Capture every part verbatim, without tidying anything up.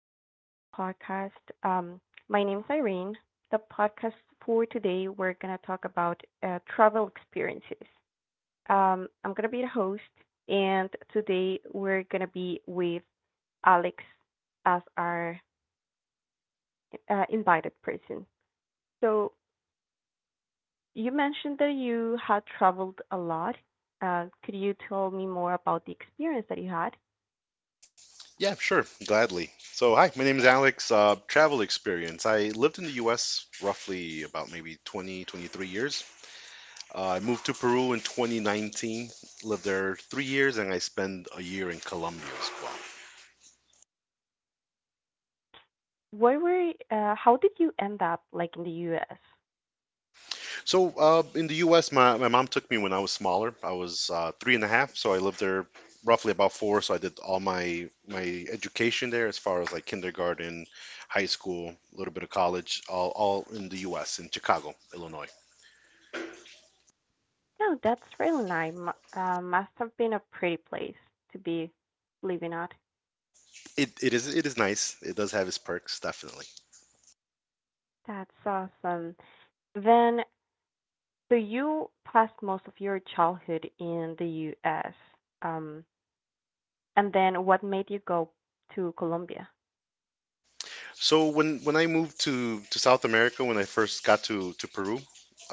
welcome to the podcast. Um, my name is Irene. The podcast for today, we're gonna talk about uh, travel experiences. Um, I'm gonna be the host, and today we're gonna be with Alex as our uh, invited person. So you mentioned that you had traveled a lot. Uh, could you tell me more about the experience that you had? Yeah, sure, gladly. So, hi, my name is Alex. Uh, travel experience. I lived in the U S roughly about maybe twenty, twenty-three years. Uh, I moved to Peru in twenty nineteen, lived there three years, and I spent a year in Colombia as well. Where were? Uh, how did you end up like in the U S? So, uh, in the U S, my, my mom took me when I was smaller. I was uh, three and a half, so I lived there roughly about four. So, I did all my, my education there as far as like kindergarten, high school, a little bit of college, all, all in the U S, in Chicago, Illinois. No, that's really nice. Mu- Uh, must have been a pretty place to be living at. It, it is it is nice. It does have its perks, definitely. That's awesome. Then, so you passed most of your childhood in the U S. Um, and then what made you go to Colombia? So when when I moved to to South America, when I first got to to Peru,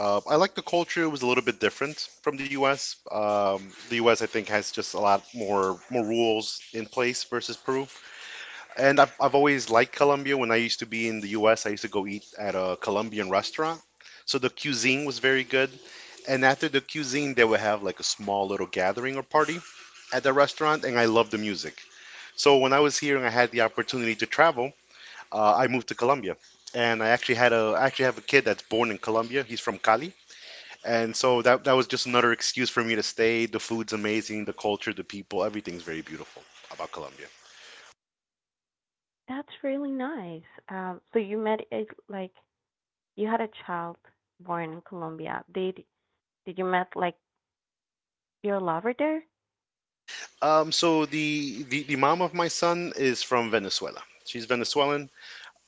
uh, I like the culture. It was a little bit different from the U S. Um, the U S. I think has just a lot more more rules in place versus Peru. And I've I've always liked Colombia. When I used to be in the U S, I used to go eat at a Colombian restaurant. So the cuisine was very good. And after the cuisine, they would have like a small little gathering or party at the restaurant, and I love the music. So when I was here and I had the opportunity to travel, uh, I moved to Colombia, and I actually had a I actually have a kid that's born in Colombia. He's from Cali, and so that that was just another excuse for me to stay. The food's amazing, the culture, the people, everything's very beautiful about Colombia. That's really nice. Um, so you met it like you had a child born in Colombia. Did did you met like your lover there? Um, so the, the the mom of my son is from Venezuela. She's Venezuelan.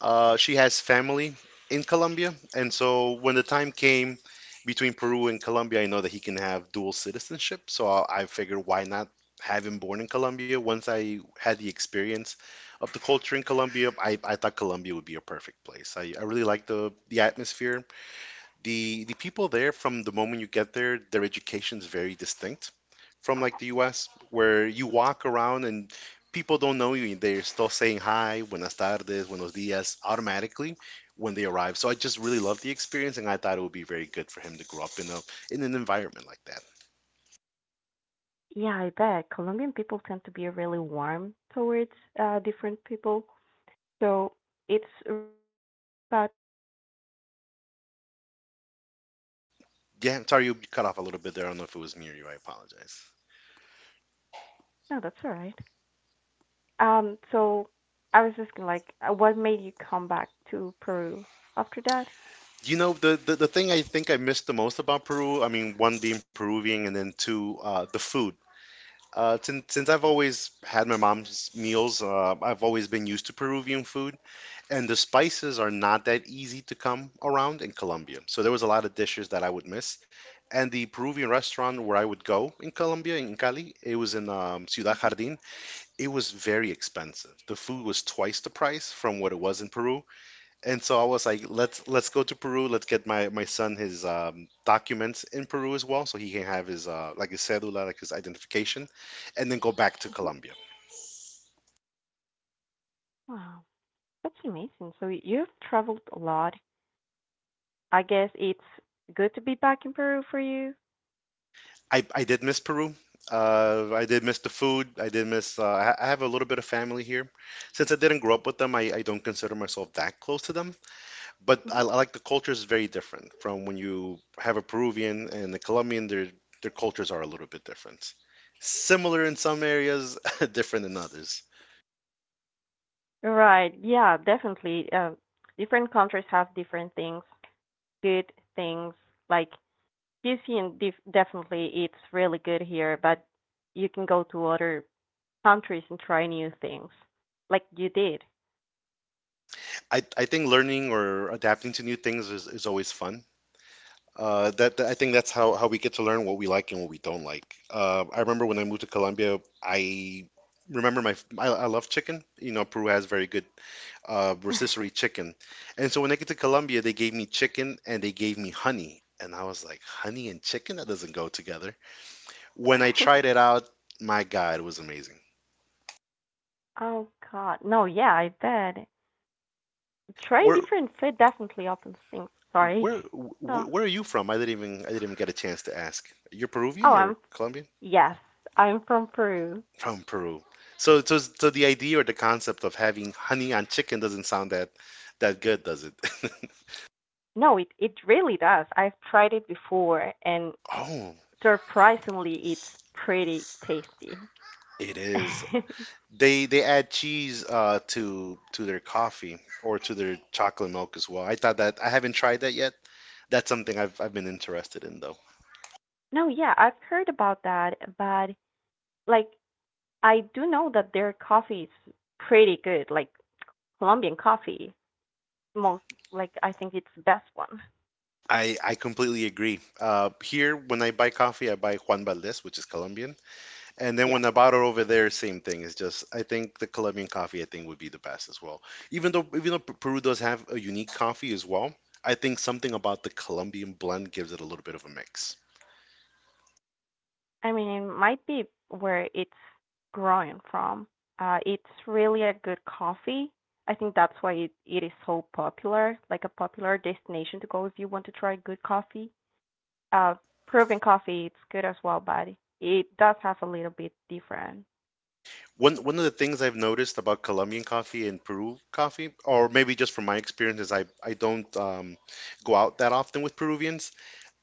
Uh, she has family in Colombia, and so when the time came between Peru and Colombia, I know that he can have dual citizenship. So I, I figured, why not have him born in Colombia? Once I had the experience of the culture in Colombia, I, I thought Colombia would be a perfect place. I, I really like the the atmosphere, the the people there from the moment you get there, their education's very distinct from like the U S, where you walk around and people don't know you. They're still saying hi, buenas tardes, buenos dias automatically when they arrive. So I just really love the experience, and I thought it would be very good for him to grow up in a in an environment like that. Yeah, I bet. Colombian people tend to be really warm towards uh different people. So it's really nice that you got all that experience. Um, what made you come back to Peru? Yeah, I'm sorry you cut off a little bit there. I don't know if it was me or you. I apologize. No, that's all right. Um, so I was asking, like, uh, what made you come back to Peru after that? You know, the, the, the thing I think I missed the most about Peru, I mean, one being Peruvian and then two, uh, the food. Uh, since since I've always had my mom's meals, uh, I've always been used to Peruvian food, and the spices are not that easy to come around in Colombia. So there was a lot of dishes that I would miss. And the Peruvian restaurant where I would go in Colombia, in Cali, it was in um, Ciudad hmm Jardín. It was very expensive. The food was twice the price from what it was in Peru, and so I was like, let's let's go to Peru. Let's get my my son his um, documents in Peru as well, so he can have his uh, like his cédula, like his identification, and then go back to hmm Colombia. Wow, that's amazing. So y- you've traveled a lot. I guess it's good to be back in Peru for you. I I did miss Peru. Uh, I did miss the food. I did miss. Uh, I ha- I have a little bit of family here. Since I didn't grow up with them, I, I don't consider myself that close to them. But hmm I, I like the culture is very different from when you have a Peruvian and a Colombian. Their their cultures are a little bit different. Similar in some areas, different in others. Right. Yeah, definitely. Um, different countries have different things, good things, like cuisine def- definitely it's really good here, but you can go to other countries and try new things, like you did. I, I think learning or adapting to new things is, is always fun. Uh, that, that- I think that's how, how we get to learn what we like and what we don't like. Uh, I remember when I moved to Colombia, I remember my I, I love chicken. You know, Peru has very good uh, rotisserie chicken, and so when I get to Colombia, they gave me chicken and they gave me honey, and I was like, honey and chicken? That doesn't go together. When I tried it out, my God, it was amazing. Oh God, no, yeah, I bet trying Where different food definitely opens things. Sorry. where Oh, wh- where are you from? I didn't even I didn't even get a chance to ask. You're oh, Peruvian or I'm Colombian? yes, I'm from Peru. From Peru. So, so, so the idea or the concept of having honey on chicken doesn't sound that that good, does it? No, it it really does. I've tried it before, and Oh, surprisingly, it's pretty tasty. it is. They they add cheese uh, to to their coffee or to their chocolate milk as well. I thought that I haven't tried that yet. That's something I've I've been interested in though. No, yeah, I've heard about that, but like I do know that their coffee is pretty good, like Colombian coffee. Most like I think it's the best one. I I completely agree. Uh, here when I buy coffee, I buy Juan Valdez, which is Colombian. And then Yeah. when I bought it over there, same thing. It's just I think the Colombian coffee I think would be the best as well. Even though even though P- Peru does have a unique coffee as well, I think something about the Colombian blend gives it a little bit of a mix. I mean, it might be where it's growing from. Uh, it's really a good coffee. I think that's why it, it is so popular, like a popular destination to go if you want to try good coffee. Uh, Peruvian coffee, it's good as well, but it does have a little bit different. One one of the things I've noticed about Colombian coffee and Peru coffee, or maybe just from my experience, is I I don't um, go out that often with Peruvians.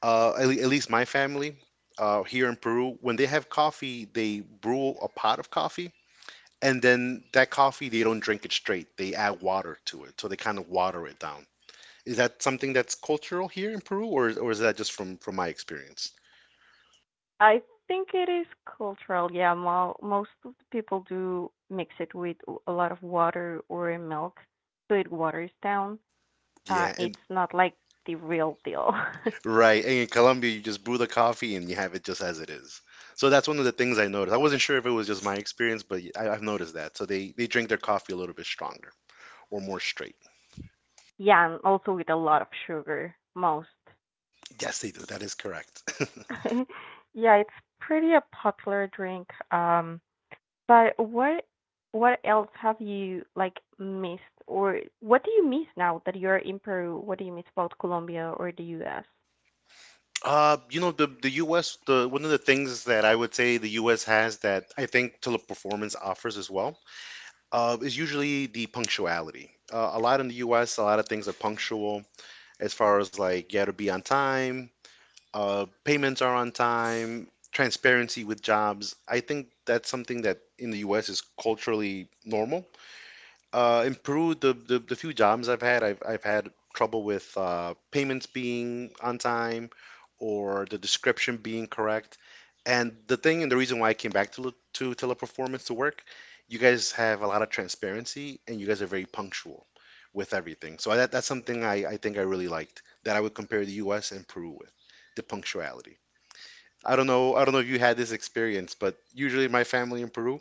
Uh, at, le- at least my family uh, here in Peru, when they have coffee, they brew a pot of coffee. And then that coffee, they don't drink it straight. They add water to it. So they kind of water it down. Is that something that's cultural here in Peru, or, or is that just from, from my experience? I think it is cultural. Yeah, mo most of the people do mix it with a lot of water or milk, so it waters down. Uh, Yeah, and It's not like the real deal. right. And in Colombia, you just brew the coffee and you have it just as it is. So that's one of the things I noticed. I wasn't sure if it was just my experience, but I, I've noticed that. So they, they drink their coffee a little bit stronger or more straight. Yeah, and also with a lot of sugar, most. Yes, they do. That is correct. Yeah, it's pretty a popular drink. Um, but what what else have you like missed or what do you miss now that you're in Peru? What do you miss about Colombia or the U S? Uh, you know, the the U S, the one of the things that I would say the U S has that I think teleperformance offers as well uh, is usually the punctuality. Uh, a lot in the U S, a lot of things are punctual as far as like you got to be on time, uh, payments are on time, transparency with jobs. I think that's something that in the U S is culturally normal. Uh, in Peru, the, the, the few jobs I've had, I've, I've had trouble with uh, payments being on time or the description being correct. And the thing and the reason why I came back to le- to teleperformance to work, you guys have a lot of transparency and you guys are very punctual with everything. So that, that's something I, I think I really liked that I would compare the U S and Peru with, the punctuality. I don't know I don't know if you had this experience, but usually my family in Peru,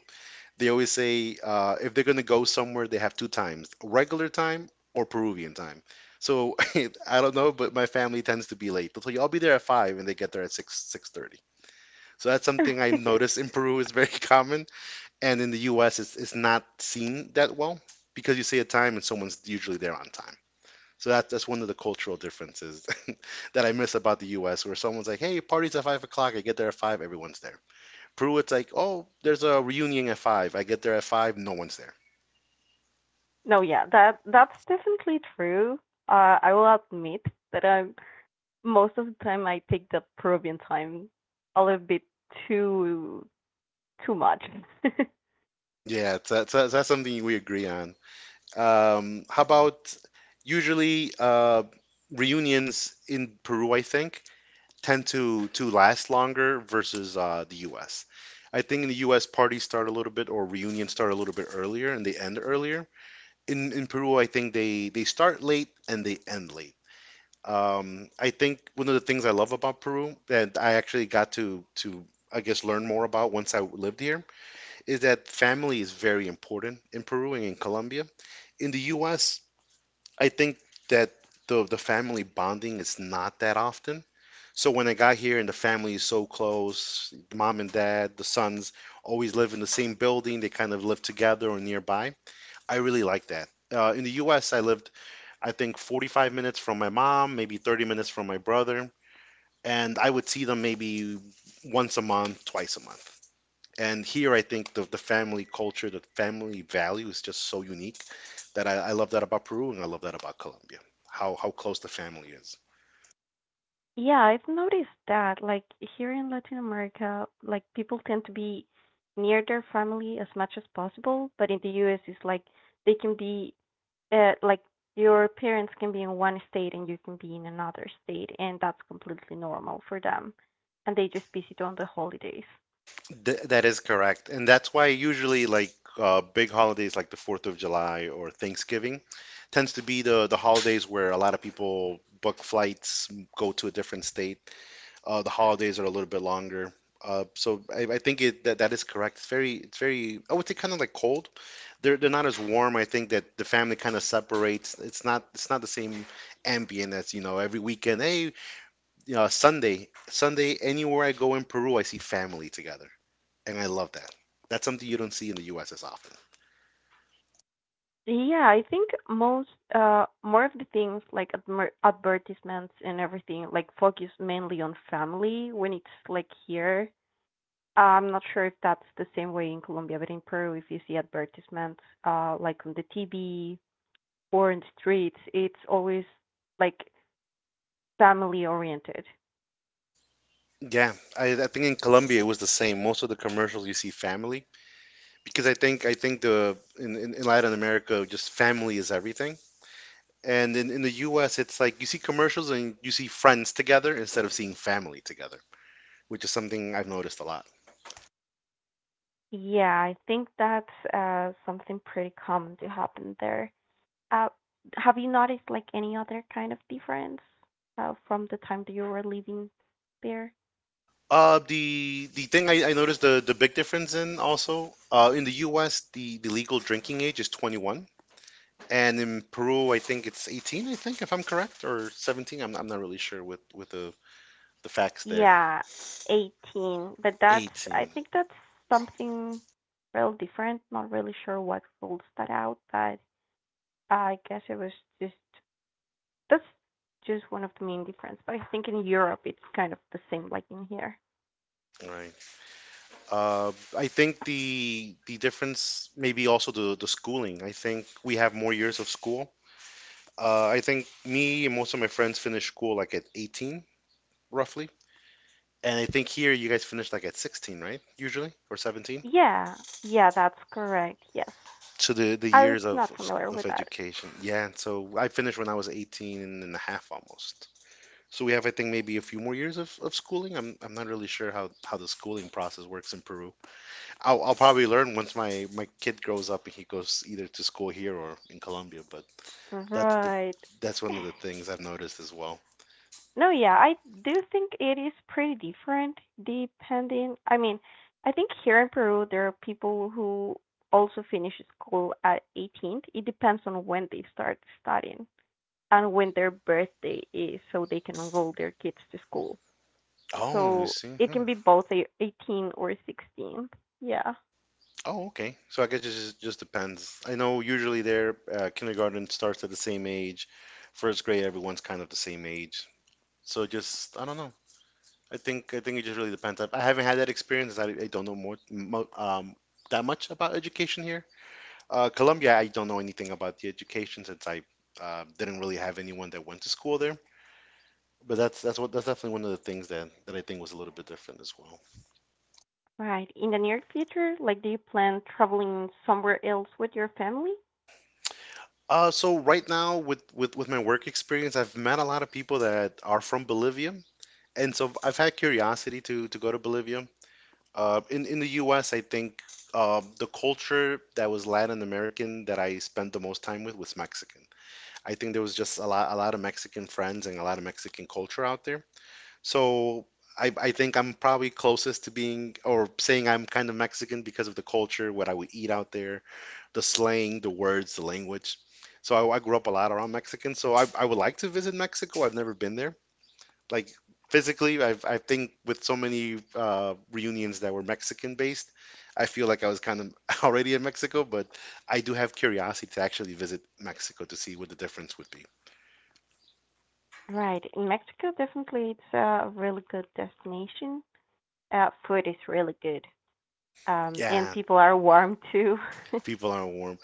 they always say uh, if they're gonna go somewhere, they have two times, regular time or Peruvian time. So I don't know, but my family tends to be late. They'll tell you I'll be there at five and they get there at six six thirty. So that's something I noticed in Peru is very common, and in the U S it's, it's not seen that well because you say a time and someone's usually there on time. So that's that's one of the cultural differences that I miss about the U S where someone's like, "Hey, party's at five o'clock. I get there at five. Everyone's there." Peru, it's like, "Oh, there's a reunion at five. I get there at five. No one's there." No, yeah, that that's definitely true. Uh, I will admit that I'm most of the time I take the Peruvian time a little bit too too much. Yeah, it's, that's that's that's something we agree on. Um, how about usually uh, reunions in Peru? I think tend to to last longer versus uh, the U S. I think in the U S parties start a little bit or reunions start a little bit earlier and they end earlier. In in Peru, I think they they start late and they end late. Um, I think one of the things I love about Peru that I actually got to to I guess learn more about once I lived here is that family is very important in Peru and in Colombia. In the U S, I think that the the family bonding is not that often. So when I got here and the family is so close, mom and dad, the sons always live in the same building. They kind of live together or nearby. I really like that. Uh, in the U S, I lived, I think, forty-five minutes from my mom, maybe thirty minutes from my brother, and I would see them maybe once a month, twice a month. And here, I think the, the family culture, the family value is just so unique that I, I love that about Peru and I love that about Colombia, how, how close the family is. Yeah, I've noticed that. Like here in Latin America, like people tend to be near their family as much as possible, but in the U S it's like they can be uh, like your parents can be in one state and you can be in another state, and that's completely normal for them. And they just visit on the holidays. Th that is correct. And that's why usually like uh, big holidays like the fourth of July or Thanksgiving tends to be the the holidays where a lot of people book flights, m- go to a different state. Uh, the holidays are a little bit longer. Uh, so I, I think it that, that is correct. It's very it's very I would say, kind of like cold. They're they're not as warm. I think that the family kind of separates. It's not it's not the same ambient as, you know, every weekend. Hey, you know, Sunday, Sunday, anywhere I go in Peru, I see family together and I love that. That's something you don't see in the U S as often. Yeah, I think most uh more of the things like admer- advertisements and everything like focus mainly on family when it's like here. I'm not sure if that's the same way in Colombia, but in Peru, if you see advertisements uh like on the T V or in the streets, it's always like family oriented. Yeah, I, I think in Colombia it was the same. Most of the commercials you see family because I think I think the in, in, in Latin America just family is everything. And in, in the U S it's like you see commercials and you see friends together instead of seeing family together, which is something I've noticed a lot. Yeah, I think that's uh something pretty common to happen there. Uh, have you noticed like any other kind of difference uh, from the time that you were living there? Uh, the the thing I, I noticed, the, the big difference in, also uh, in the U S, the, the legal drinking age is twenty-one. And in Peru, I think it's eighteen, I think, if I'm correct, or seventeen. I'm, I'm not really sure with, with the, the facts there. Yeah, eighteen. But that's, I eighteen, think that's something real different. Not really sure what rules that out, but I guess it was just, that's just one of the main difference. But I think in Europe it's kind of the same like in here. right. Uh, I think the the difference maybe also the, the schooling. I think we have more years of school. Uh, I think me and most of my friends finish school like at eighteen, roughly. And I think here you guys finish like at sixteen, right? Usually, or seventeen. Yeah, yeah, that's correct. Yes. So the, the I was years of, not of, sc- familiar of with that. education. Yeah, so I finished when I was eighteen and a half almost. So we have, I think, maybe a few more years of, of schooling. I'm, I'm not really sure how, how the schooling process works in Peru. I'll, I'll probably learn once my, my kid grows up and he goes either to school here or in Colombia, but that's the Right. that's one of the things I've noticed as well. No, yeah, I do think it is pretty different depending. I mean, I think here in Peru there are people who also finish school at eighteen. It depends on when they start studying and when their birthday is so they can enroll their kids to school. Oh, you So see. it Hmm. can be both a eighteen or sixteen. Yeah. Oh, okay. So I guess it just, just depends. I know usually their uh, kindergarten starts at the same age. First grade, everyone's kind of the same age. So just, I don't know. I think I think it just really depends. I, I haven't had that experience. I, I don't know more mo um, that much about education here. Uh, Colombia, I don't know anything about the education since I uh, didn't really have anyone that went to school there. But that's that's what that's definitely one of the things that that I think was a little bit different as well. Right. In the near future, like do you plan traveling somewhere else with your family? Uh, so right now with with with my work experience, I've met a lot of people that are from Bolivia, and so I've had curiosity to to go to Bolivia. Uh, in in the U S, I think uh, the culture that was Latin American that I spent the most time with was Mexican. I think there was just a lot a lot of Mexican friends and a lot of Mexican culture out there. So I I think I'm probably closest to being or saying I'm kind of Mexican because of the culture, what I would eat out there, the slang, the words, the language. So I, I grew up a lot around Mexican. So I I would like to visit Mexico. I've never been there like physically. I've, i think with so many uh, reunions that were Mexican based, I feel like I was kind of already in Mexico, but I do have curiosity to actually visit Mexico to see what the difference would be. Right. In Mexico, definitely it's a really good destination. Uh, food is really good. Um, and Yeah, people are warm too. people are warm.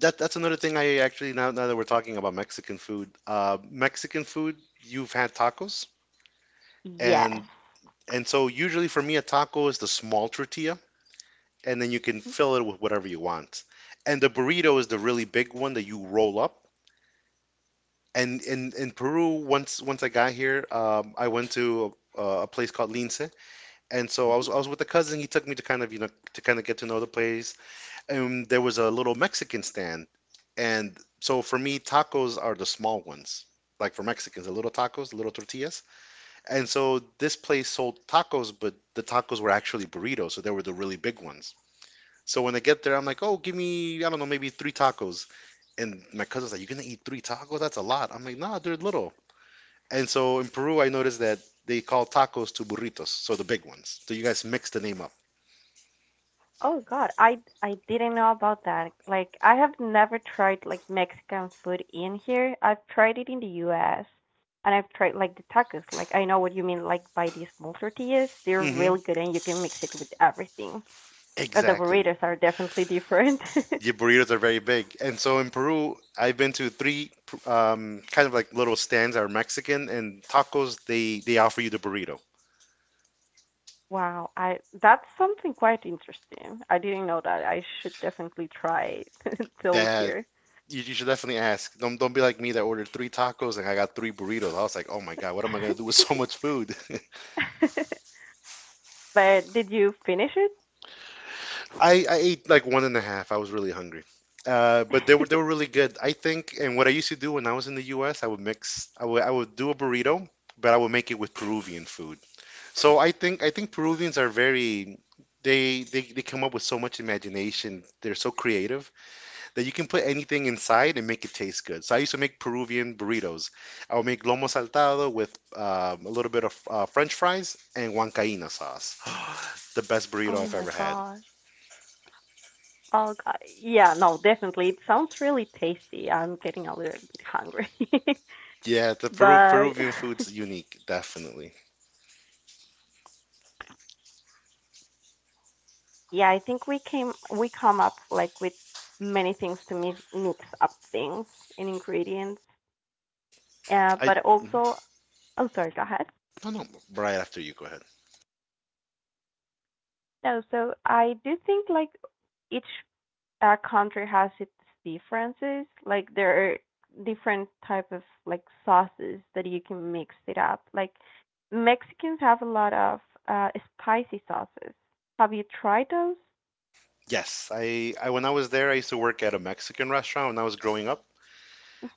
That, that's another thing. I actually now, now that we're talking about Mexican food, uh, mexican food you've had tacos. Yes. and and so usually for me a taco is the small tortilla, and then you can fill it with whatever you want, and the burrito is the really big one that you roll up. And in in Peru, once once I got here, um, I went to a, a place called Lince, and so I Mhm. was I was with a cousin. He took me to kind of, you know, to kind of get to know the place, and there was a little Mexican stand, and so for me, tacos are the small ones, like for Mexicans, the little tacos, the little tortillas. And so this place sold tacos, but the tacos were actually burritos, so they were the really big ones. So when I get there, I'm like, oh, give me, I don't know, maybe three tacos. And my cousin's like, you're gonna eat three tacos? That's a lot. I'm like, nah, they're little. And so in Peru, I noticed that they call tacos to burritos, so the big ones. So you guys mix the name up. Oh God, I I didn't know about that. Like I have never tried like Mexican food in here. I've tried it in the U S and I've tried like the tacos. Like I know what you mean. Like by these small tortillas, they're Hmm. really good and you can mix it with everything. But the Exactly. burritos are definitely different. Your burritos are very big. And so in Peru, I've been to three um, kind of like little stands that are Mexican, and tacos, they, they offer you the burrito. Wow, I that's something quite interesting. I didn't know that. I should definitely try those That here. you, you should definitely ask. Don't, don't be like me that ordered three tacos and I got three burritos. I was like, oh my God, what am I going to do with so much food? But did you finish it? I, I ate like one and a half. I was really hungry. Uh, but they were they were really good. I think, and what I used to do when I was in the U S, I would mix. I would I would do a burrito, but I would make it with Peruvian food. So I think I think Peruvians are very. They, they, they come up with so much imagination. They're so creative that you can put anything inside and make it taste good. So I used to make Peruvian burritos. I would make lomo saltado with um, a little bit of uh, French fries and huancaína sauce. The best burrito Oh I've my ever had. God. Oh God. Yeah, no, definitely. It sounds really tasty. I'm getting a little bit hungry. Yeah, the Peru But Peruvian food's unique, definitely. yeah, I think we came we come up like with many things to mix mix up things and ingredients. Uh, I But mhm. also, oh sorry, go ahead. no no right after you, go ahead. No, so I do think like each uh, country has its differences. Like there are different type of like sauces that you can mix it up. Like Mexicans have a lot of uh, spicy sauces. Have you tried those? Yes, I, I when I was there, I used to work at a Mexican restaurant when I was growing up,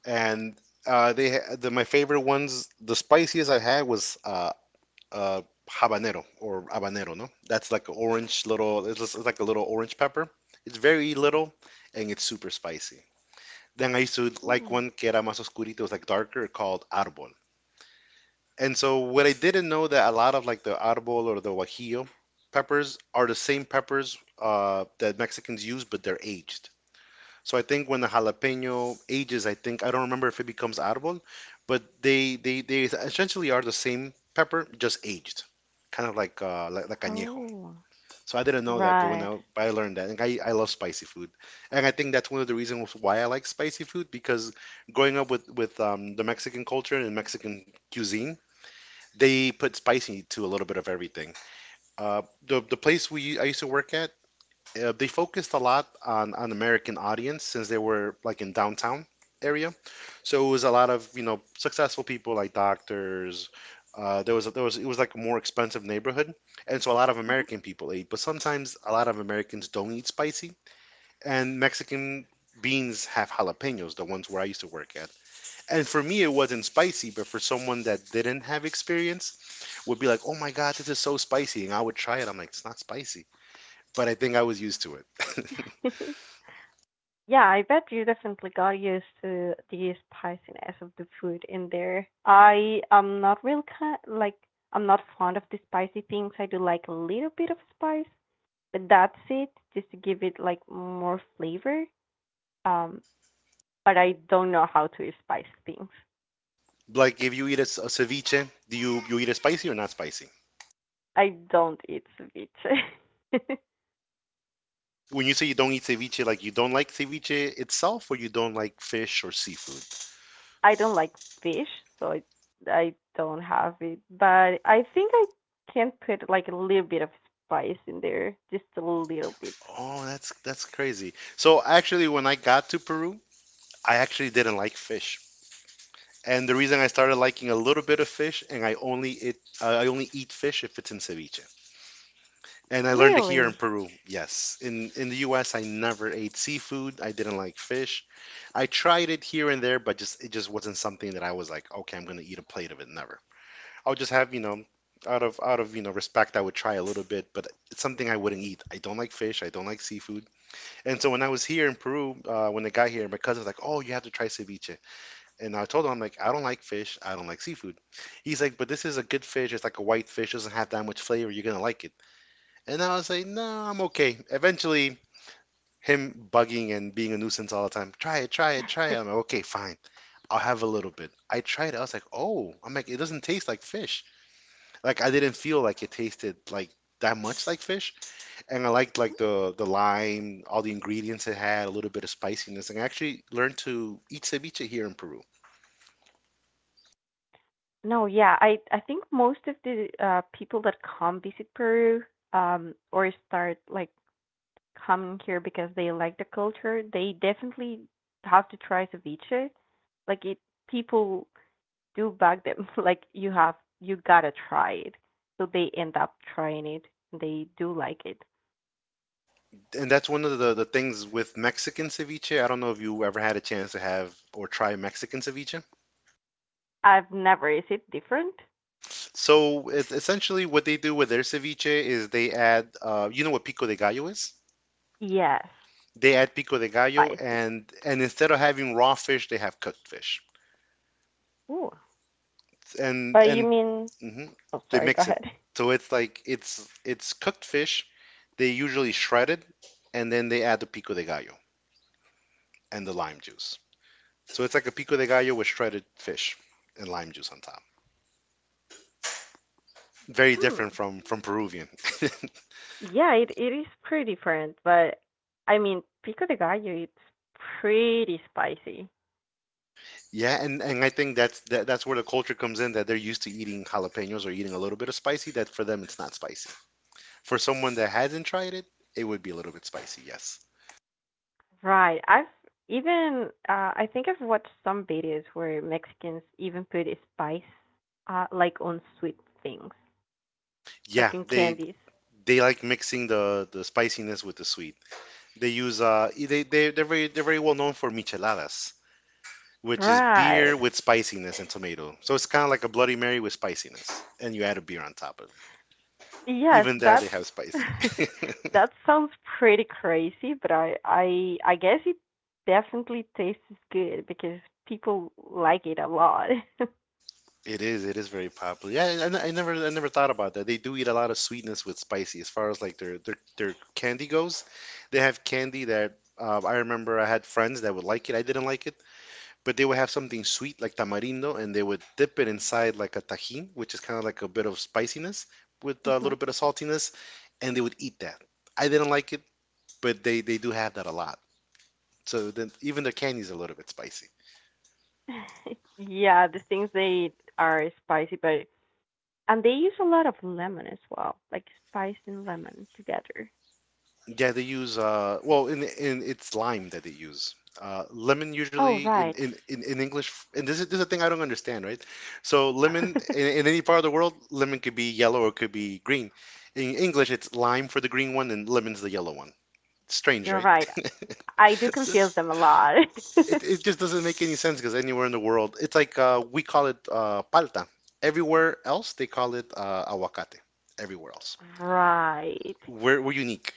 and uh, they ha- the, my favorite ones, the spiciest I had was uh, uh, habanero, or habanero, no? That's like an orange little, it's, just- it's like a little orange pepper. It's very little and it's super spicy. Then I used to like Mhm. one que era más oscurito, it was like darker, called árbol. And so what I didn't know that a lot of like the arbol or the guajillo peppers are the same peppers uh, that Mexicans use, but they're aged. So I think when the jalapeno ages, I think I don't remember if it becomes arbol, but they they, they essentially are the same pepper, just aged, kind of like uh, like, like añejo. Oh, So I didn't know that, but when right. I, I learned that, and I, I love spicy food, and I think that's one of the reasons why I like spicy food because growing up with with um, the Mexican culture and Mexican cuisine, they put spicy to a little bit of everything. Uh, the the place we I used to work at, uh, they focused a lot on on American audience since they were like in downtown area. So it was a lot of, you know, successful people like doctors. Uh, there was a, there was it was like a more expensive neighborhood, and so a lot of Mhm. American people ate. But sometimes a lot of Americans don't eat spicy, and Mexican beans have jalapenos, the ones where I used to work at, and for me it wasn't spicy, but for someone that didn't have experience would be like, oh my god, this is so spicy, and I would try it. I'm like, it's not spicy, but I think I was used to it. Yeah, I bet you definitely got used to the spiciness of the food in there. I am not real kind like I'm not fond of the spicy things. I do like a little bit of spice, but that's it, just to give it like more flavor. Um, but I don't know how to spice things. Like, if you eat a, s- a ceviche, do you, you eat it spicy or not spicy? I don't eat ceviche. When you say you don't eat ceviche, like, you don't like ceviche itself or you don't like fish or seafood? I don't like fish, so I I don't have it. But I think I can put like a little bit of spice in there, just a little bit. Oh, that's that's crazy. So actually when I got to Peru, I actually didn't like fish, and the reason I started liking a little bit of fish, and i only it i only eat fish if it's in ceviche. And I learned it here in Really? Peru, yes. In in the U S, I never ate seafood. I didn't like fish. I tried it here and there, but just it just wasn't something that I was like, okay, I'm gonna eat a plate of it. Never. I'll just have, you know, out of out of, you know, respect, I would try a little bit, but it's something I wouldn't eat. I don't like fish. I don't like seafood. And so when I was here in Peru, uh, when I got here, my cousin was like, oh, you have to try ceviche. And I told him, I'm like, I don't like fish. I don't like seafood. He's like, but this is a good fish. It's like a white fish. Doesn't have that much flavor. You're gonna like it. And I was like, no, I'm okay. Eventually, him bugging and being a nuisance all the time, try it, try it, try it. I'm like, okay, fine. I'll have a little bit. I tried it. I was like, oh, I'm like, it doesn't taste like fish. Like I didn't feel like it tasted like that much like fish. And I liked like the the lime, all the ingredients it had, a little bit of spiciness. And I actually learned to eat ceviche here in Peru. No, yeah. I I think most of the uh, people that come visit Peru um or start like coming here because they like the culture, they definitely have to try ceviche. Like it, people do bug them. Like you have, you gotta try it. So they end up trying it. They do like it. And that's one of the, the things with Mexican ceviche. I don't know if you ever had a chance to have or try Mexican ceviche. I've never. Is it different? So it's essentially what they do with their ceviche is they add, uh, you know what pico de gallo is? Yes, They add pico de gallo, spicy. and and instead of having raw fish, they have cooked fish, Ooh. and But you and mean? mhm, Oh, they sorry. Go mix it. ahead. So it's like it's it's cooked fish. They usually shred it, and then they add the pico de gallo and the lime juice. So it's like a pico de gallo with shredded fish and lime juice on top. Very Hmm. different from from Peruvian. Yeah, it it is pretty different. But I mean, pico de gallo, it's pretty spicy. Yeah, and, and I think that's that, that's where the culture comes in that they're used to eating jalapenos or eating a little bit of spicy that for them it's not spicy. For someone that hasn't tried it, it would be a little bit spicy, yes. Right. I've even uh, I think I've watched some videos where Mexicans even put spice uh, like on sweet things, Yeah, like in they candies. they like mixing the the spiciness with the sweet. They use uh e, they they they're very they're very well known for micheladas, which is beer Right. with spiciness and tomato. So it's kind of like a Bloody Mary with spiciness, and you add a beer on top of it. Yes, Even that they that's have spicy. that sounds pretty crazy, but I I I guess it definitely tastes good because people like it a lot. It is. It is very popular. Yeah, I, I I never, I never thought about that. They do eat a lot of sweetness with spicy. As far as like their their their candy goes, they have candy that uh, I remember I had friends that would like it. I didn't like it, but they would have something sweet like tamarindo, and they would dip it inside like a Tajin, which is kind of like a bit of spiciness with a Hmm. little bit of saltiness, and they would eat that. I didn't like it, but they they do have that a lot. So then even their candy's a little bit spicy. Yeah, the things they eat are spicy. But And they use a lot of lemon as well, like spice and lemon together. Yeah, they use uh well in in it's lime that they use. Uh lemon Oh, usually in right. in in, in English and this is this is a thing I don't understand, right? So lemon in, in any part of the world, lemon could be yellow or could be green. In English, it's lime for the green one and lemon's the yellow one. Strange, You're right? right. I do confuse That's- them a lot. It, it just doesn't make any sense because anywhere in the world, it's like uh, we call it uh, palta. Everywhere else, they call it uh, aguacate. Everywhere else. Right. We're, we're unique.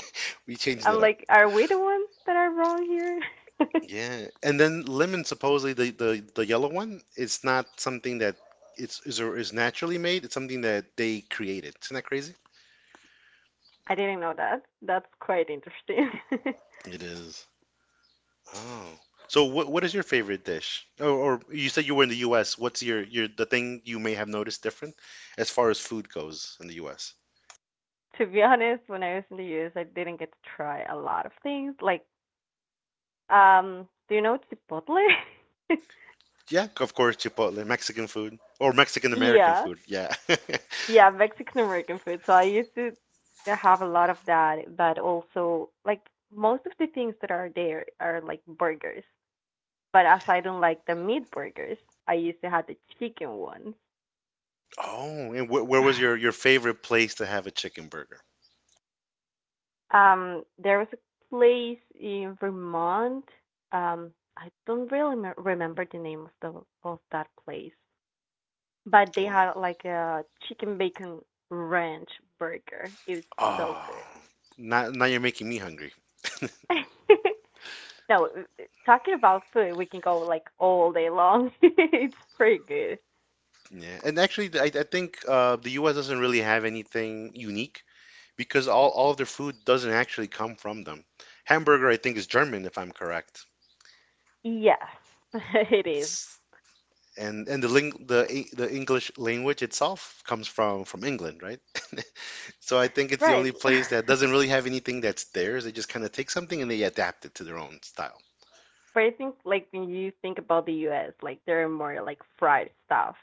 We changed I'm it. like, are we the ones that are wrong here? Yeah, and then lemon supposedly the, the the yellow one it's not something that it's is or is naturally made. It's something that they created. Isn't that crazy? I didn't know that. That's quite interesting. It is. Oh. So what what is your favorite dish? Or, or you said you were in the U S. What's your your the thing you may have noticed different as far as food goes in the U S? To be honest, when I was in the U S, I didn't get to try a lot of things. Like, um, do you know Chipotle? Yeah, of course, Chipotle, Mexican food or Mexican American Yeah, food. Yeah. Yeah, Mexican American food. So I used to have a lot of that, but also like most of the things that are there are like burgers. But as I don't like the meat burgers, I used to have the chicken ones. Oh, and wh where was your your favorite place to have a chicken burger? Um, there was a place in Vermont. Um, I don't really me- remember the name of the of that place, but they Oh. had like a chicken bacon ranch burger. It was so Oh. Now now you're making me hungry. good. No, talking about food, we can go like all day long. It's pretty good. Yeah, and actually, I, I think uh, the U S doesn't really have anything unique because all, all of their food doesn't actually come from them. Hamburger, I think, is German, if I'm correct. Yes, it is. It's, and and the ling the E- the English language itself comes from from England, right? So I think it's the Right. only place that doesn't really have anything that's theirs. They just kind of take something and they adapt it to their own style. But I think like when you think about the U S, like there are more like fried stuff.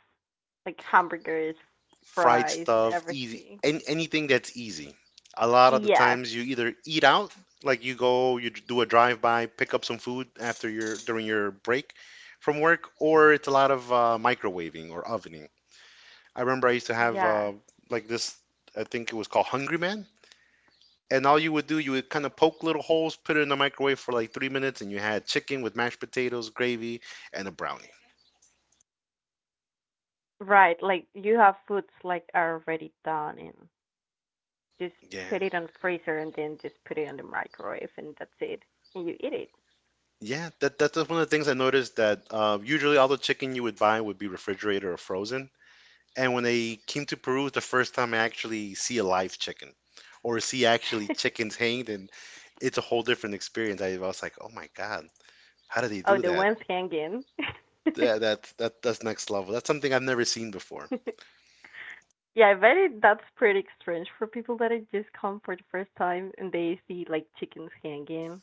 Like hamburgers, Fried fries, stuff, easy, everything. an anything that's easy. A lot of the Yes. times you either eat out, like you go, you do a drive-by, pick up some food after your during your break from work, or it's a lot of uh, microwaving or ovening. I remember I used to have Yes. uh, like this, I think it was called Hungry Man. And all you would do, you would kind of poke little holes, put it in the microwave for like three minutes, and you had chicken with mashed potatoes, gravy, and a brownie. Right. Like you have foods like are already done and just Yeah, put it on freezer and then just put it on the microwave and that's it. And you eat yeah, that that's one of the things I noticed that uh, usually all the chicken you would buy would be refrigerated or frozen. And when I came to Peru, the first time I actually see a live chicken or see actually it. chickens hanged, and it's a whole different experience. I was like, oh my God, how do they Oh, do the that? ones hanging. That that, that that's next level. That's something I've never seen before. Yeah, I bet it, that's pretty strange for people that had just come for the first time and they see like chickens hanging.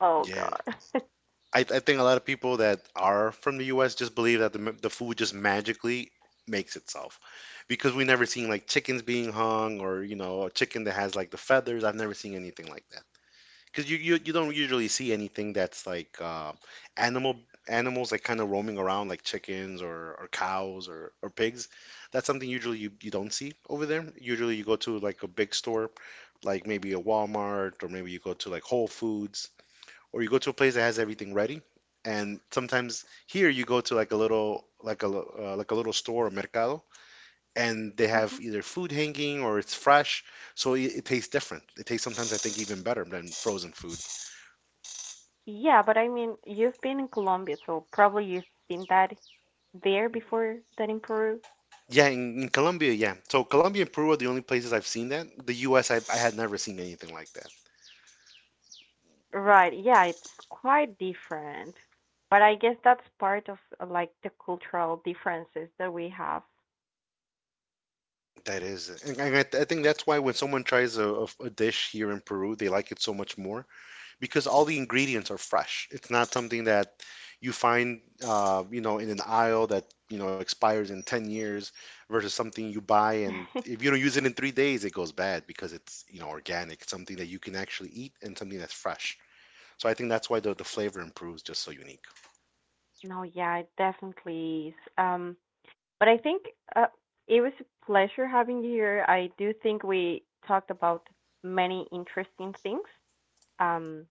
Oh Yeah. god. I, I think a lot of people that are from the U S just believe that the, m- the food just magically makes itself because we never seen like chickens being hung or you know a chicken that has like the feathers. I've never seen anything like that because you, you you don't usually see anything that's like uh, animal animals like kind of roaming around like chickens or, or cows or, or pigs. That's something usually you, you don't see over there. Usually you go to like a big store like maybe a Walmart or maybe you go to like Whole Foods or you go to a place that has everything ready. And sometimes here you go to like a little like a lo- uh, like a little store or mercado, and they Hmm. have either food hanging or it's fresh, so it, it tastes different. It tastes sometimes I think even better than frozen food. Yeah, but I mean, you've been in Colombia, so probably you've seen that there before than in Peru. Yeah, in, in Colombia, yeah. So Colombia and Peru are the only places I've seen that. The U S. I, I had never seen anything like that. Right. Yeah, it's quite different. But I guess that's part of uh, like the cultural differences that we have. That is, and I, I think that's why when someone tries a, a, a dish here in Peru, they like it so much more because all the ingredients are fresh. It's not something that you find, uh, you know, in an aisle that, you know, expires in ten years versus something you buy and if you don't use it in three days, it goes bad because it's, you know, organic, something that you can actually eat and something that's fresh. So I think that's why the, the flavor improves just so unique. No, yeah, it definitely is. Um, But I think uh, it was a pleasure having you here. I do think we talked about many interesting things. Um,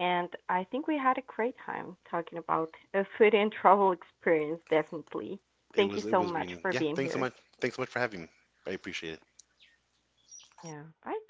and I think we had a great time talking about a food and travel experience, definitely. It Thank you was it so was much really for yeah. being Thanks so here. much. Thanks so much for having me. I appreciate it. Yeah. Bye.